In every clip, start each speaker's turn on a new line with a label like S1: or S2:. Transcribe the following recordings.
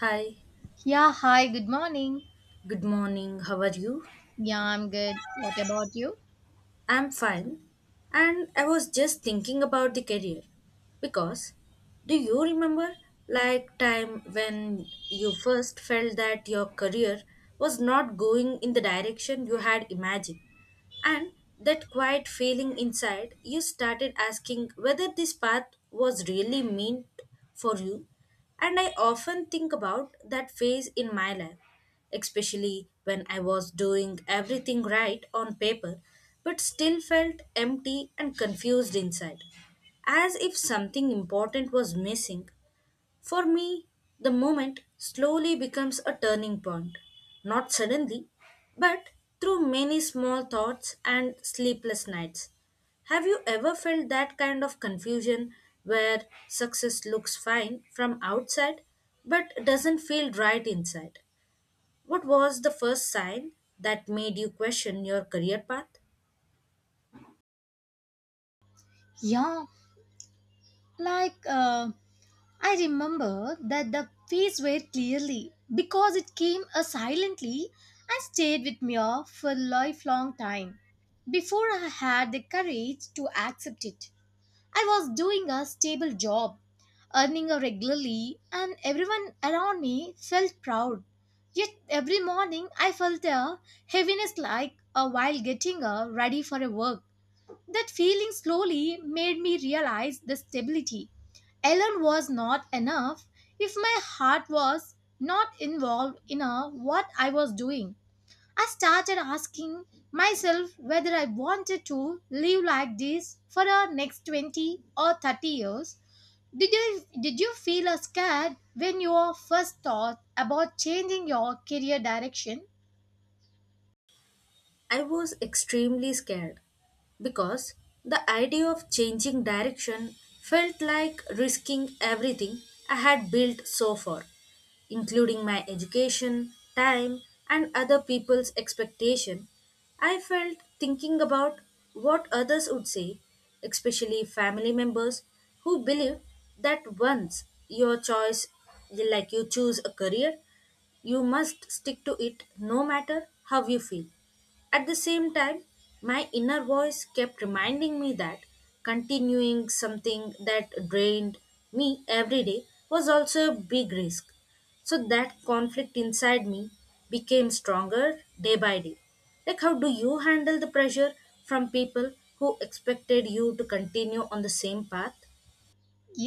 S1: Hi,
S2: Yeah, hi, good morning.
S1: good morning. How are you?
S2: Yeah, I'm good. What about you?
S1: I'm fine. And I was just thinking about the career because do you remember like time when you first felt that your career was not going in the direction you had imagined? And that quiet feeling inside, you started asking whether this path was really meant for you. And I often think about that phase in my life, especially when I was doing everything right on paper, but still felt empty and confused inside, as if something important was missing for me, the moment slowly becomes a turning point. Not suddenly, but through many small thoughts and sleepless nights. Have you ever felt that kind of confusion where success looks fine from outside but doesn't feel right inside? What was the first sign that made you question your career path?
S2: Yeah, like uh, I remember that the fees were clearly because it came silently and stayed with me for a lifelong time before I had the courage to accept it. I was doing a stable job, earning a regularly, and everyone around me felt proud. Yet every morning I felt a heaviness like a while getting ready for a work. That feeling slowly made me realize the stability alone was not enough if my heart was not involved in what I was doing. I started asking myself whether I wanted to live like this for the next 20 or 30 years. Did you feel scared when you first thought about changing your career direction?
S1: I was extremely scared because the idea of changing direction felt like risking everything I had built so far, including my education, time, and other people's expectation. I felt thinking about what others would say, especially family members who believe that once your choice, like you choose a career, you must stick to it no matter how you feel. At the same time, my inner voice kept reminding me that continuing something that drained me every day was also a big risk. So that conflict inside me became stronger day by day. Like, how do you handle the pressure from people who expected you to continue on the same path?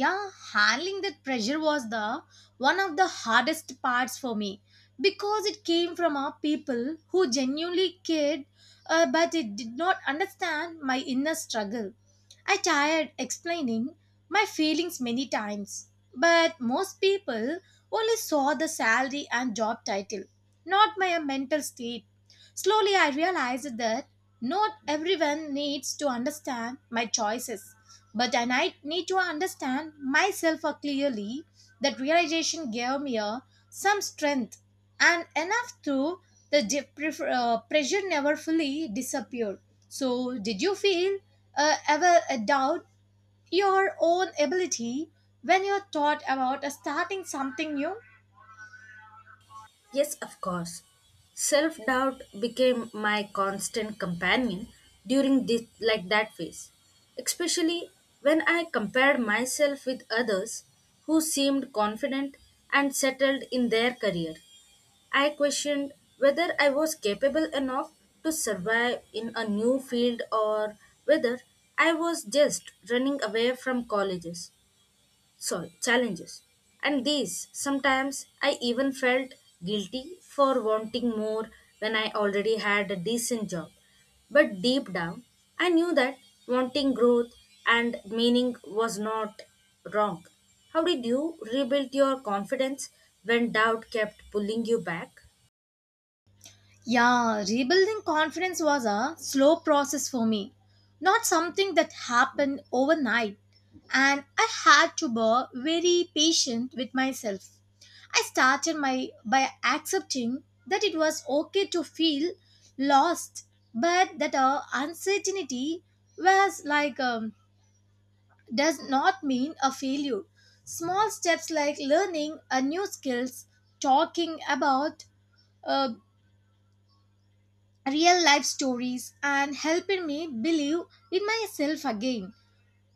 S2: Yeah, handling that pressure was the one of the hardest parts for me because it came from our people who genuinely cared, but it did not understand my inner struggle. I tired explaining my feelings many times, but most people only saw the salary and job title, not my mental state. Slowly I realized that not everyone needs to understand my choices, but and I need to understand myself clearly. That realization gave me some strength and enough to pressure never fully disappeared. So, did you feel ever a doubt your own ability when you thought about starting something new?
S1: Yes, of course. Self doubt became my constant companion during this like that phase, especially when I compared myself with others who seemed confident and settled in their career. I questioned whether I was capable enough to survive in a new field or whether I was just running away from challenges. And these, sometimes I even felt guilty for wanting more when I already had a decent job. But deep down, I knew that wanting growth and meaning was not wrong. How did you rebuild your confidence when doubt kept pulling you back?
S2: Yeah, rebuilding confidence was a slow process for me, not something that happened overnight. And I had to be very patient with myself. I started my by accepting that it was okay to feel lost, but that our uncertainty was like does not mean a failure. Small steps like learning a new skills, talking about uh, real life stories and helping me believe in myself again.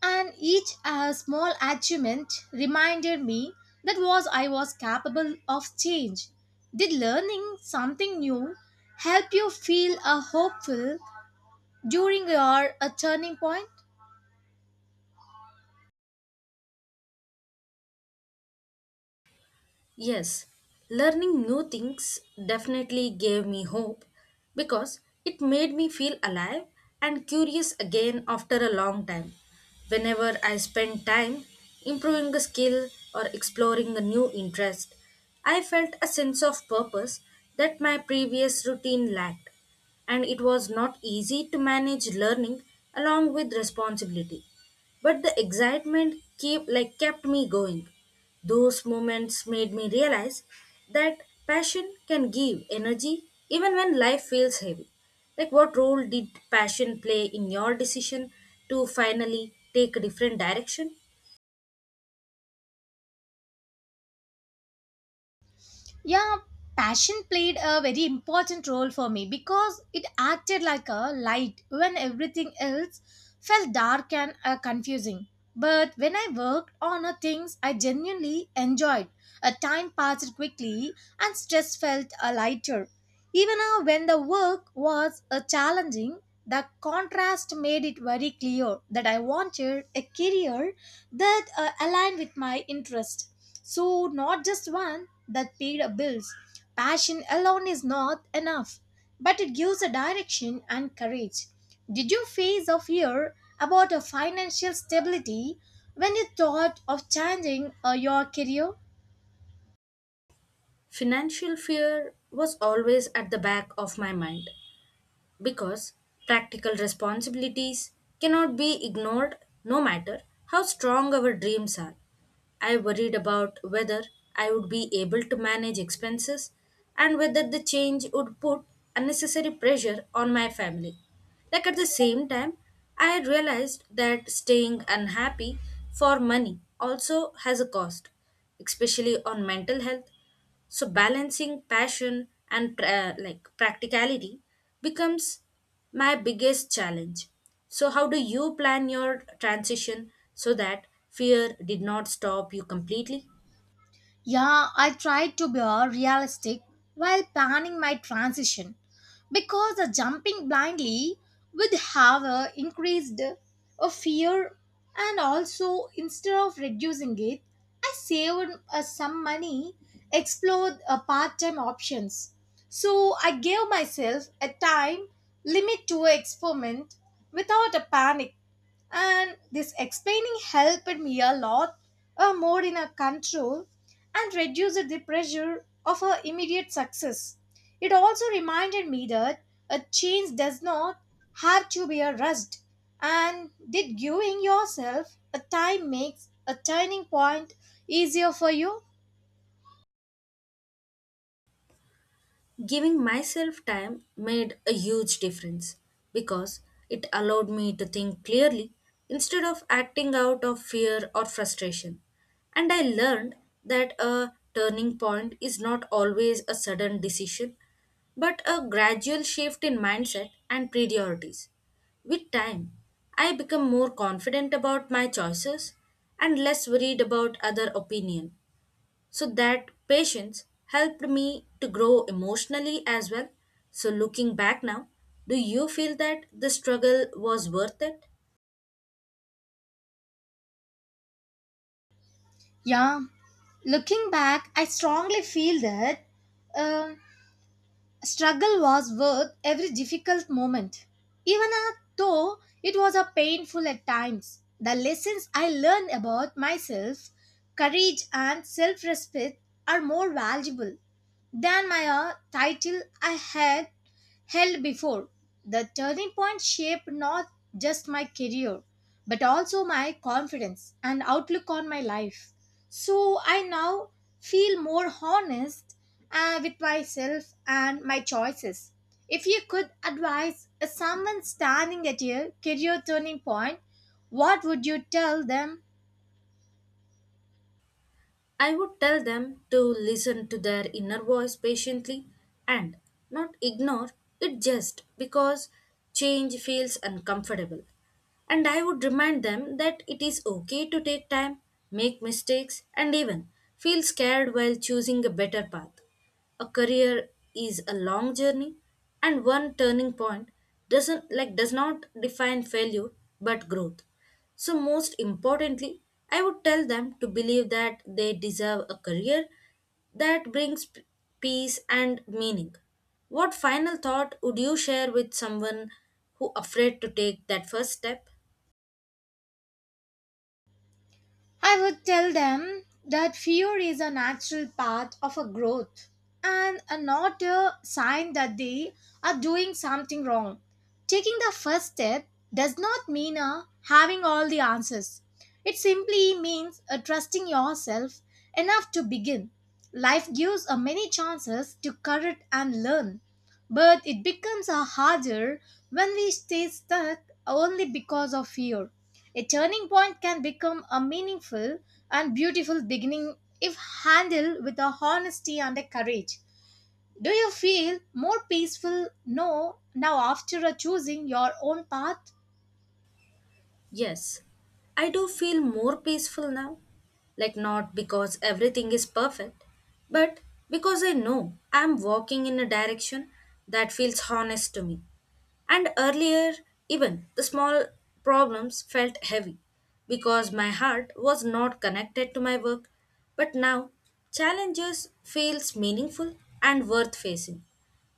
S2: And each small achievement reminded me that was I was capable of change. Did learning something new help you feel hopeful during your turning point?
S1: Yes, learning new things definitely gave me hope because it made me feel alive and curious again after a long time. Whenever I spent time improving a skill or exploring a new interest, I felt a sense of purpose that my previous routine lacked, and it was not easy to manage learning along with responsibility but the excitement keep like kept me going. Those moments made me realize that passion can give energy even when life feels heavy. Like, what role did passion play in your decision to finally take a different direction?
S2: Yeah, passion played a very important role for me because it acted like a light when everything else felt dark and confusing. But when I worked on things I genuinely enjoyed, a time passed quickly and stress felt lighter. Even now when the work was challenging, the contrast made it very clear that I wanted a career that aligned with my interest. So, not just one that paid a bills. Passion alone is not enough, but it gives a direction and courage. Did you face a fear about a financial stability when you thought of changing your career?
S1: Financial fear was always at the back of my mind, because practical responsibilities cannot be ignored no matter how strong our dreams are. I worried about whether I would be able to manage expenses and whether the change would put unnecessary pressure on my family. Like at the same time, I realized that staying unhappy for money also has a cost, especially on mental health. So balancing passion and practicality becomes my biggest challenge. So how do you plan your transition so that fear did not stop you completely?
S2: Yeah, I tried to be all realistic while planning my transition because the jumping blindly would have increased a fear and also instead of reducing it, I saved some money, explored part-time options. So I gave myself a time limit to experiment without a panic, and this explaining helped me a lot more in a control and reduced the pressure of a immediate success. It also reminded me that a change does not have to be a rushed. And did giving yourself a time makes a turning point easier for you?
S1: Giving myself time made a huge difference because it allowed me to think clearly instead of acting out of fear or frustration. And I learned that a turning point is not always a sudden decision, but a gradual shift in mindset and priorities. With time, I become more confident about my choices and less worried about other opinion so that patience helped me to grow emotionally as well. So looking back now, do you feel that the struggle was worth it?
S2: Yeah Looking back, I strongly feel that, um, struggle was worth every difficult moment, even though it was a painful at times. The lessons I learned about myself, courage, and self respect are more valuable than my title I had held before. The turning point shaped not just my career, but also my confidence and outlook on my life. So I now feel more honest with myself and my choices. If you could advise someone standing at a career turning point, what would you tell them?
S1: I would tell them to listen to their inner voice patiently and not ignore it just because change feels uncomfortable. And I would remind them that it is okay to take time, make mistakes, and even feel scared while choosing a better path. A career is a long journey and one turning point does not define failure but growth. So most importantly, I would tell them to believe that they deserve a career that brings peace and meaning. What final thought would you share with someone who afraid to take that first step?
S2: I would tell them that fear is a natural part of a growth and a not a sign that they are doing something wrong. Taking the first step does not mean having all the answers. It simply means trusting yourself enough to begin. Life gives many chances to correct and learn, but it becomes harder when we stay stuck only because of fear. A turning point can become a meaningful and beautiful beginning if handled with a honesty and a courage. Do you feel more peaceful no, now after choosing your own path?
S1: Yes, I do feel more peaceful now. Like, not because everything is perfect, but because I know I'm walking in a direction that feels honest to me. And earlier, even the small problems felt heavy because my heart was not connected to my work. But now, challenges feels meaningful and worth facing.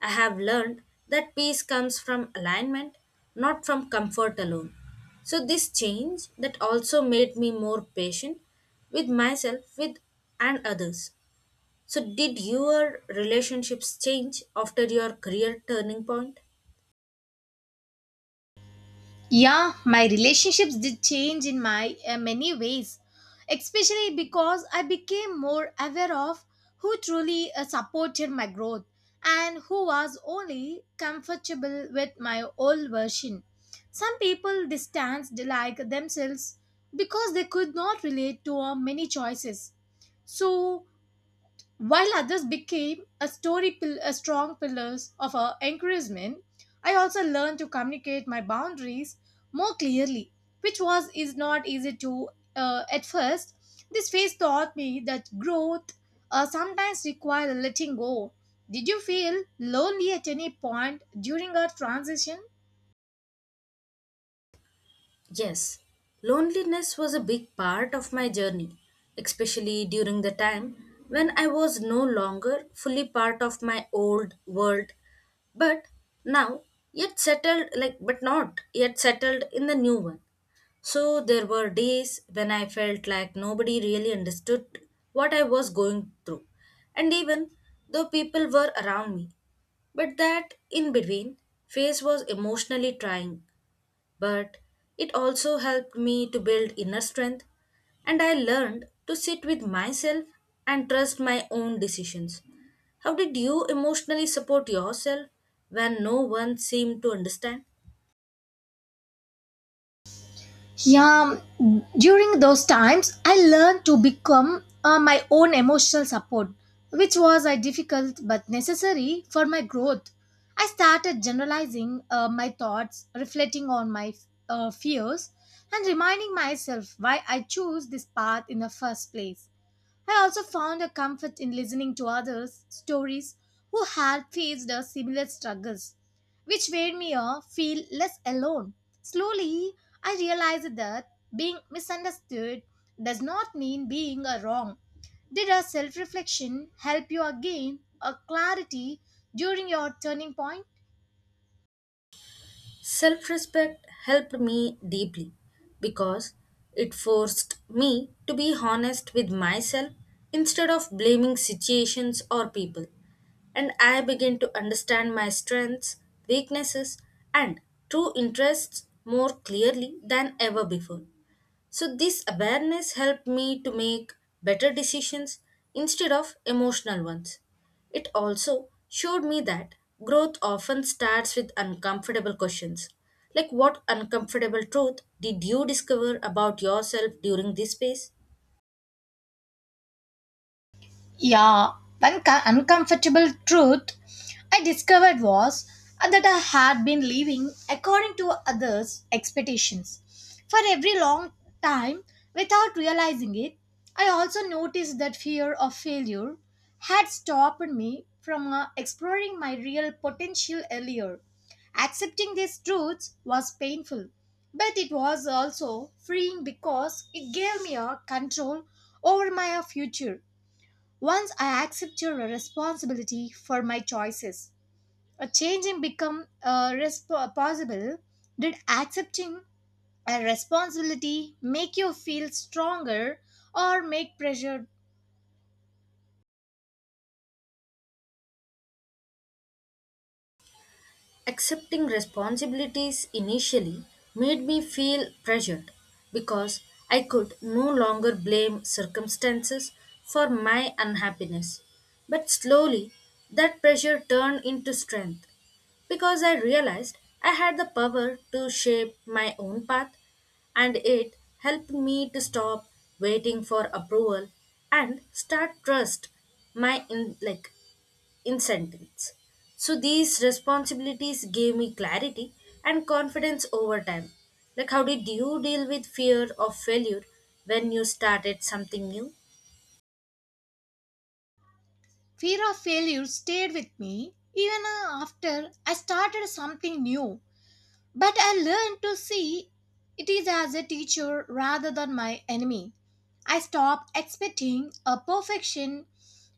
S1: I have learned that peace comes from alignment, not from comfort alone. So this change that also made me more patient with myself with and others. So did your relationships change after your career turning point?
S2: Yeah, my relationships did change in my many ways, especially because I became more aware of who truly supported my growth and who was only comfortable with my old version. Some people distanced like themselves because they could not relate to many choices. So while others became a strong pillars of our encouragement, I also learned to communicate my boundaries more clearly, which was is not easy to at first. This phase taught me that growth sometimes requires letting go. Did you feel lonely at any point during our transition?
S1: Yes, loneliness was a big part of my journey, especially during the time when I was no longer fully part of my old world, but now yet settled, like, but not yet settled in the new one. So there were days when I felt like nobody really understood what I was going through, and even though people were around me, but that in between phase was emotionally trying but it also helped me to build inner strength and I learned to sit with myself and trust my own decisions. How did you emotionally support yourself when no one seemed to understand?
S2: Yeah, during those times, I learned to become my own emotional support, which was a difficult but necessary for my growth. I started generalizing my thoughts, reflecting on my fears, and reminding myself why I chose this path in the first place. I also found a comfort in listening to others' stories who had faced similar struggles, which made me feel less alone. Slowly, I realized that being misunderstood does not mean being wrong. Did a self reflection help you again a clarity during your turning point?
S1: Self respect helped me deeply because it forced me to be honest with myself instead of blaming situations or people. And I began to understand my strengths, weaknesses, and true interests more clearly than ever before. So this awareness helped me to make better decisions instead of emotional ones. It also showed me that growth often starts with uncomfortable questions. Like what uncomfortable truth did you discover about yourself during this phase?
S2: Yeah, Uncomfortable truth I discovered was that I had been living according to others' expectations for every long time without realizing it. I also noticed that fear of failure had stopped me from exploring my real potential earlier. Accepting these truths was painful, but it was also freeing because it gave me a control over my future. Once I accept your responsibility for my choices, a change in become possible. Did accepting a responsibility make you feel stronger or make pressure?
S1: Accepting responsibilities initially made me feel pressured because I could no longer blame circumstances for my unhappiness. But slowly, that pressure turned into strength because I realized I had the power to shape my own path, and it helped me to stop waiting for approval and start trust my in, like in sentence. So these responsibilities gave me clarity and confidence over time. Like, how did you deal with fear of failure when you started something new?
S2: Fear of failure stayed with me even after I started something new. But I learned to see it is as a teacher rather than my enemy. I stopped expecting a perfection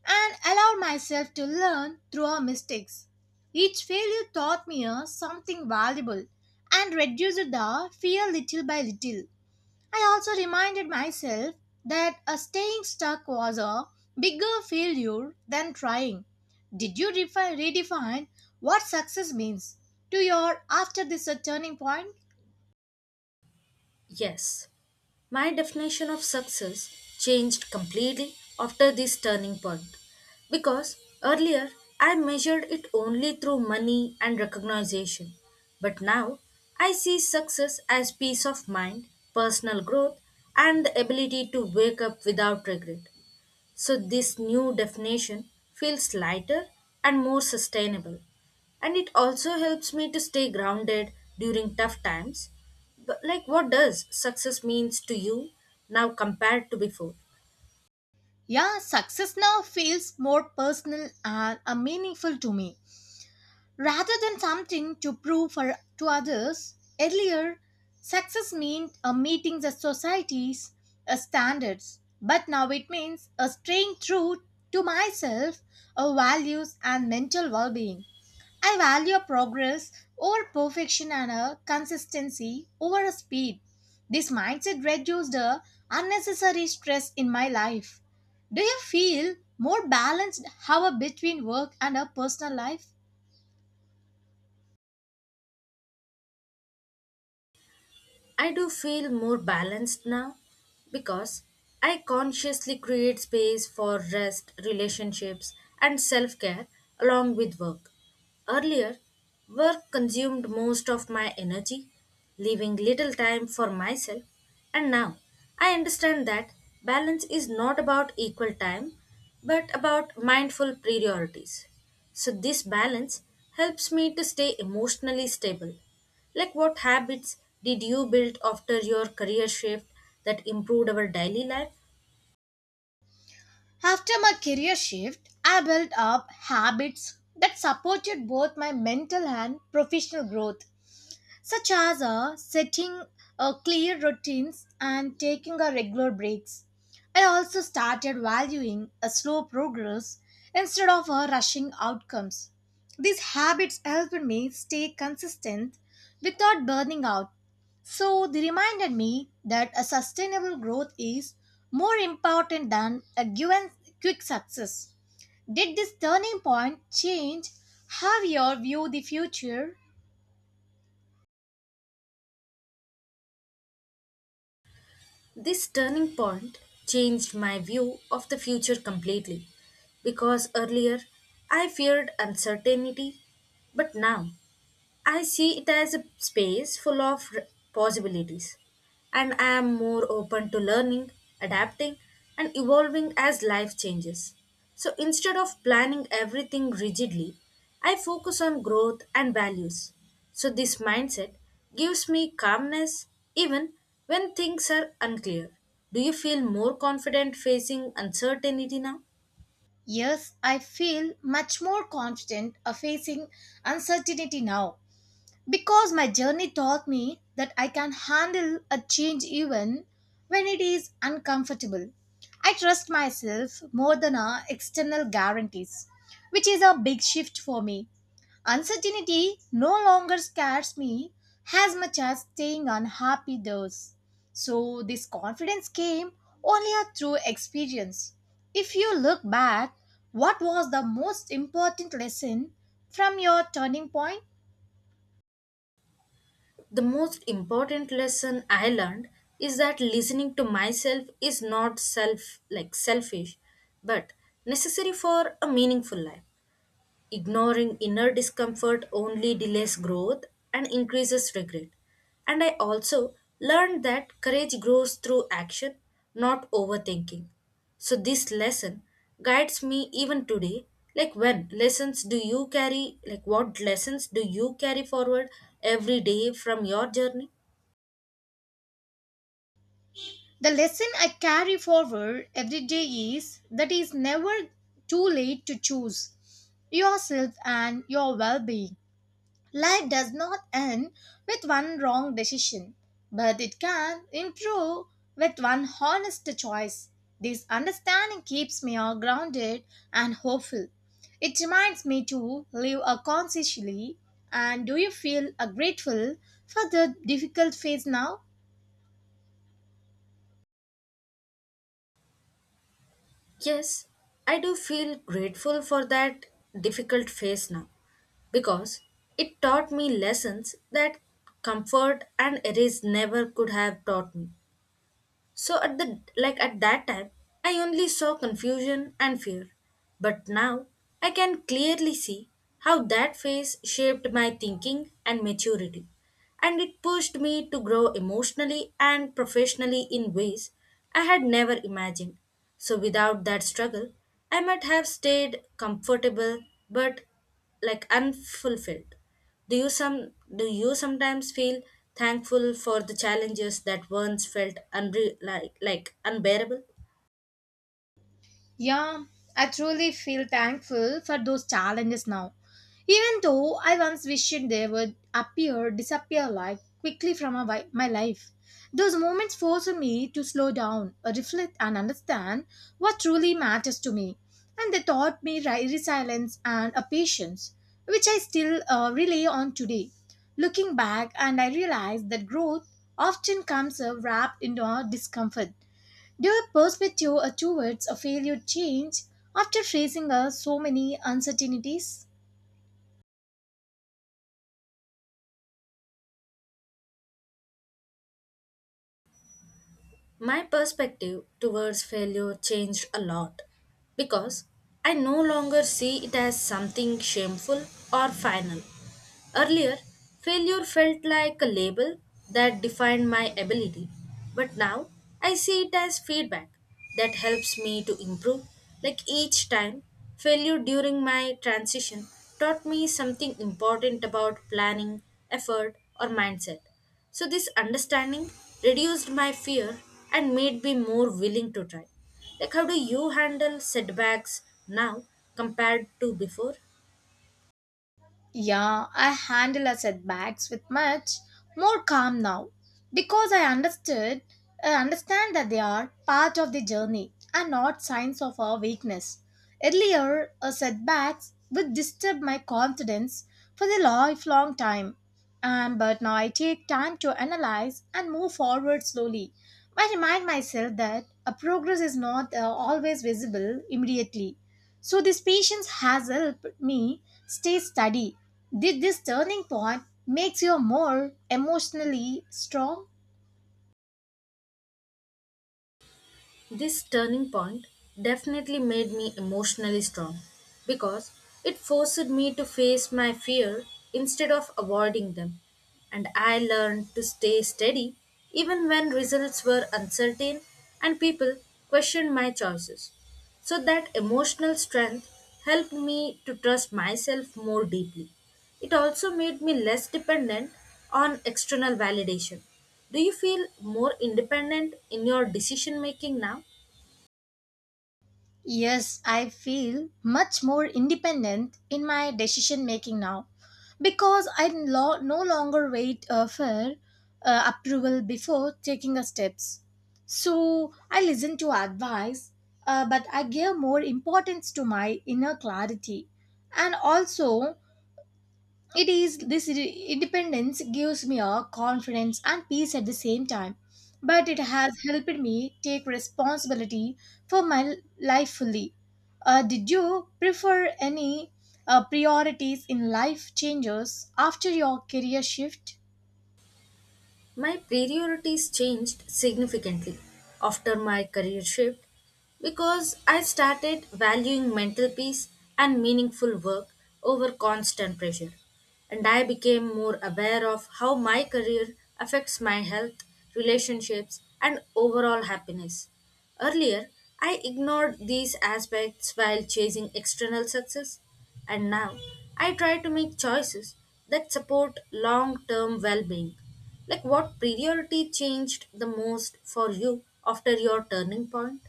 S2: and allowed myself to learn through our mistakes. Each failure taught me something valuable and reduced the fear little by little. I also reminded myself that staying stuck was a bigger failure than trying. Did you redefine what success means to your after this turning point?
S1: Yes, my definition of success changed completely after this turning point because earlier I measured it only through money and recognition, but now I see success as peace of mind, personal growth, and the ability to wake up without regret. So, this new definition feels lighter and more sustainable. And it also helps me to stay grounded during tough times. But, like, what does success means to you now compared to before?
S2: Yeah, success now feels more personal and meaningful to me. Rather than something to prove for, to others, earlier success meant meeting the society's standards, but now it means staying true to myself, values, and mental well being. I value progress over perfection and consistency over speed. This mindset reduced the unnecessary stress in my life. Do you feel more balanced, however, between work and a personal life?
S1: I do feel more balanced now because I consciously create space for rest, relationships, and self care along with work. Earlier, work consumed most of my energy, leaving little time for myself, and now I understand that balance is not about equal time but about mindful priorities. So, this balance helps me to stay emotionally stable. Like what habits did you build after your career shift that improved our daily life?
S2: After my career shift, I built up habits that supported both my mental and professional growth, such as setting clear routines and taking a regular breaks. I also started valuing a slow progress instead of rushing outcomes. These habits helped me stay consistent without burning out, so they reminded me that a sustainable growth is more important than a given quick success. Did this turning point change how you view the future?
S1: This turning point changed my view of the future completely because earlier I feared uncertainty, but now I see it as a space full of possibilities, and I am more open to learning, adapting, and evolving as life changes. So instead of planning everything rigidly, I focus on growth and values. So this mindset gives me calmness even when things are unclear. Do you feel more confident facing uncertainty now?
S2: Yes, I feel much more confident of facing uncertainty now because my journey taught me that I can handle a change even when it is uncomfortable. I trust myself more than our external guarantees, which is a big shift for me. Uncertainty no longer scares me as much as staying unhappy does. So, this confidence came only through experience. If you look back, what was the most important lesson from your turning point?
S1: The most important lesson I learned is that listening to myself is not selfish but necessary for a meaningful life. Ignoring inner discomfort only delays growth and increases regret. And I also learned that courage grows through action, not overthinking. So this lesson guides me even today. Like when lessons do you carry, like what lessons do you carry forward every day from your journey?
S2: The lesson I carry forward every day is that it is never too late to choose yourself and your well being. Life does not end with one wrong decision, but it can improve with one honest choice. This understanding keeps me all grounded and hopeful. It reminds me to live a consciously. And do you feel grateful for the difficult phase now?
S1: Yes, I do feel grateful for that difficult phase now because it taught me lessons that comfort and erase never could have taught me. So at the like at that time, I only saw confusion and fear. But now I can clearly see how that phase shaped my thinking and maturity. And it pushed me to grow emotionally and professionally in ways I had never imagined. So without that struggle, I might have stayed comfortable but like unfulfilled. Do you sometimes feel thankful for the challenges that once felt unbearable?
S2: Yeah, I truly feel thankful for those challenges now. Even though I once wished they would disappear like quickly from my life. Those moments forced me to slow down, reflect, and understand what truly matters to me. And they taught me resilience and a patience, which I still rely on today. Looking back, and I realized that growth often comes wrapped into our discomfort. Your perspective towards a failure changed after facing so many uncertainties.
S1: My perspective towards failure changed a lot because I no longer see it as something shameful or final. Earlier, failure felt like a label that defined my ability, but now I see it as feedback that helps me to improve. Like each time, failure during my transition taught me something important about planning, effort, or mindset. So, this understanding reduced my fear and made me more willing to try. Like, how do you handle setbacks now compared to before?
S2: Yeah, I handle a setbacks with much more calm now because I understand that they are part of the journey and not signs of our weakness. Earlier, a setbacks would disturb my confidence for the lifelong time, and but now I take time to analyze and move forward slowly. I remind myself that a progress is not always visible immediately, so this patience has helped me stay steady. Did this turning point makes you more emotionally strong?
S1: This turning point definitely made me emotionally strong because it forced me to face my fear instead of avoiding them. And I learned to stay steady even when results were uncertain and people questioned my choices. So that emotional strength helped me to trust myself more deeply. It also made me less dependent on external validation. Do you feel more independent in your decision making now?
S2: Yes, I feel much more independent in my decision making now because no longer wait for approval before taking a steps. So I listen to advice, but I give more importance to my inner clarity, and also it is independence gives me a confidence and peace at the same time, but it has helped me take responsibility for my life fully. Did you prefer any priorities in life changes after your career shift?
S1: My priorities changed significantly after my career shift because I started valuing mental peace and meaningful work over constant pressure. And I became more aware of how my career affects my health, relationships, and overall happiness. Earlier, I ignored these aspects while chasing external success, and now I try to make choices that support long term well being. Like what priority changed the most for you after your turning point?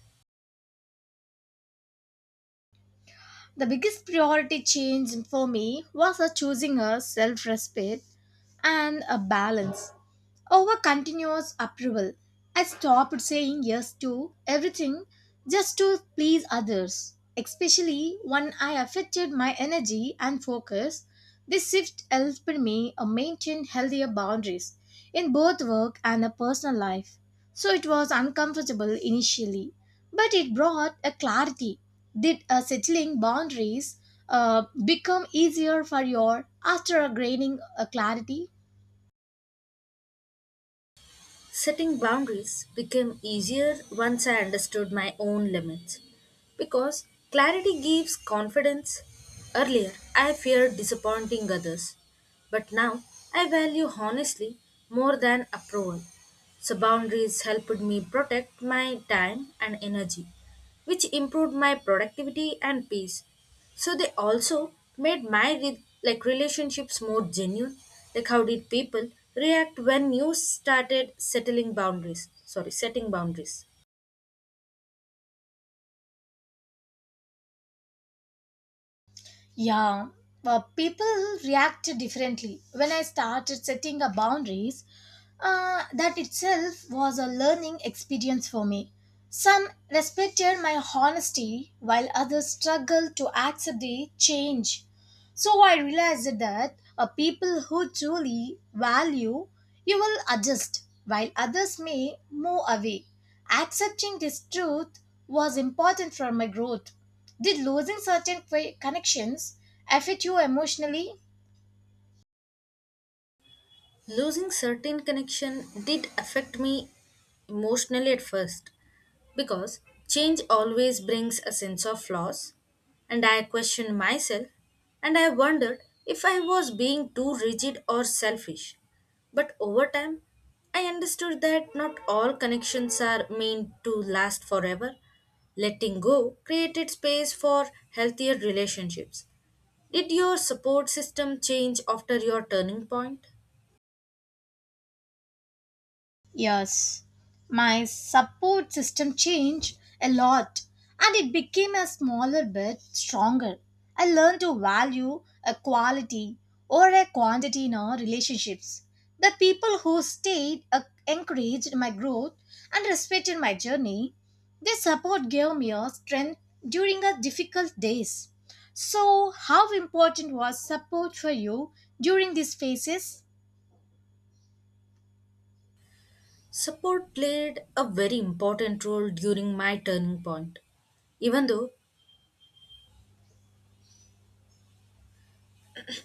S2: The biggest priority change for me was a choosing a self-respect and a balance. Over continuous approval, I stopped saying yes to everything just to please others, especially when I affected my energy and focus. This shift helped me maintain healthier boundaries in both work and a personal life. So it was uncomfortable initially, but it brought a clarity. Did settling boundaries become easier for you after gaining a clarity?
S1: Setting boundaries became easier once I understood my own limits because clarity gives confidence. Earlier, I feared disappointing others, but now I value honestly more than approval. So, boundaries helped me protect my time and energy, which improved my productivity and peace. So they also made my relationships more genuine. Like how did people react when you started settling boundaries sorry setting boundaries?
S2: Yeah, people react differently. When I started setting up boundaries, that itself was a learning experience for me. Some respected my honesty, while others struggled to accept the change. So I realized that people who truly value you will adjust, while others may move away. Accepting this truth was important for my growth. Did losing certain connections affect you emotionally?
S1: Losing certain connection did affect me emotionally at first because change always brings a sense of loss and I questioned myself and I wondered if I was being too rigid or selfish. But over time, I understood that not all connections are meant to last forever. Letting go created space for healthier relationships. Did your support system change after your turning point?
S2: Yes, my support system changed a lot and it became a smaller bit stronger. I learned to value a quality or a quantity in our relationships. The people who stayed encouraged my growth and respected my journey. Their support gave me a strength during a difficult days. So, how important was support for you during these phases?
S1: Support played a very important role during my turning point. Even though,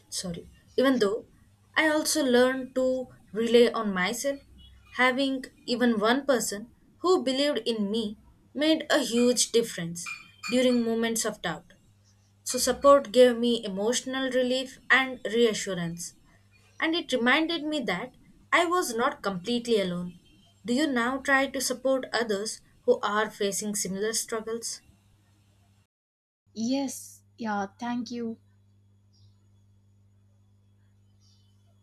S1: sorry, Even though I also learned to rely on myself, having even one person who believed in me made a huge difference during moments of doubt. So, support gave me emotional relief and reassurance, and it reminded me that I was not completely alone. Do you now try to support others who are facing similar struggles?
S2: Yes, yeah, thank you.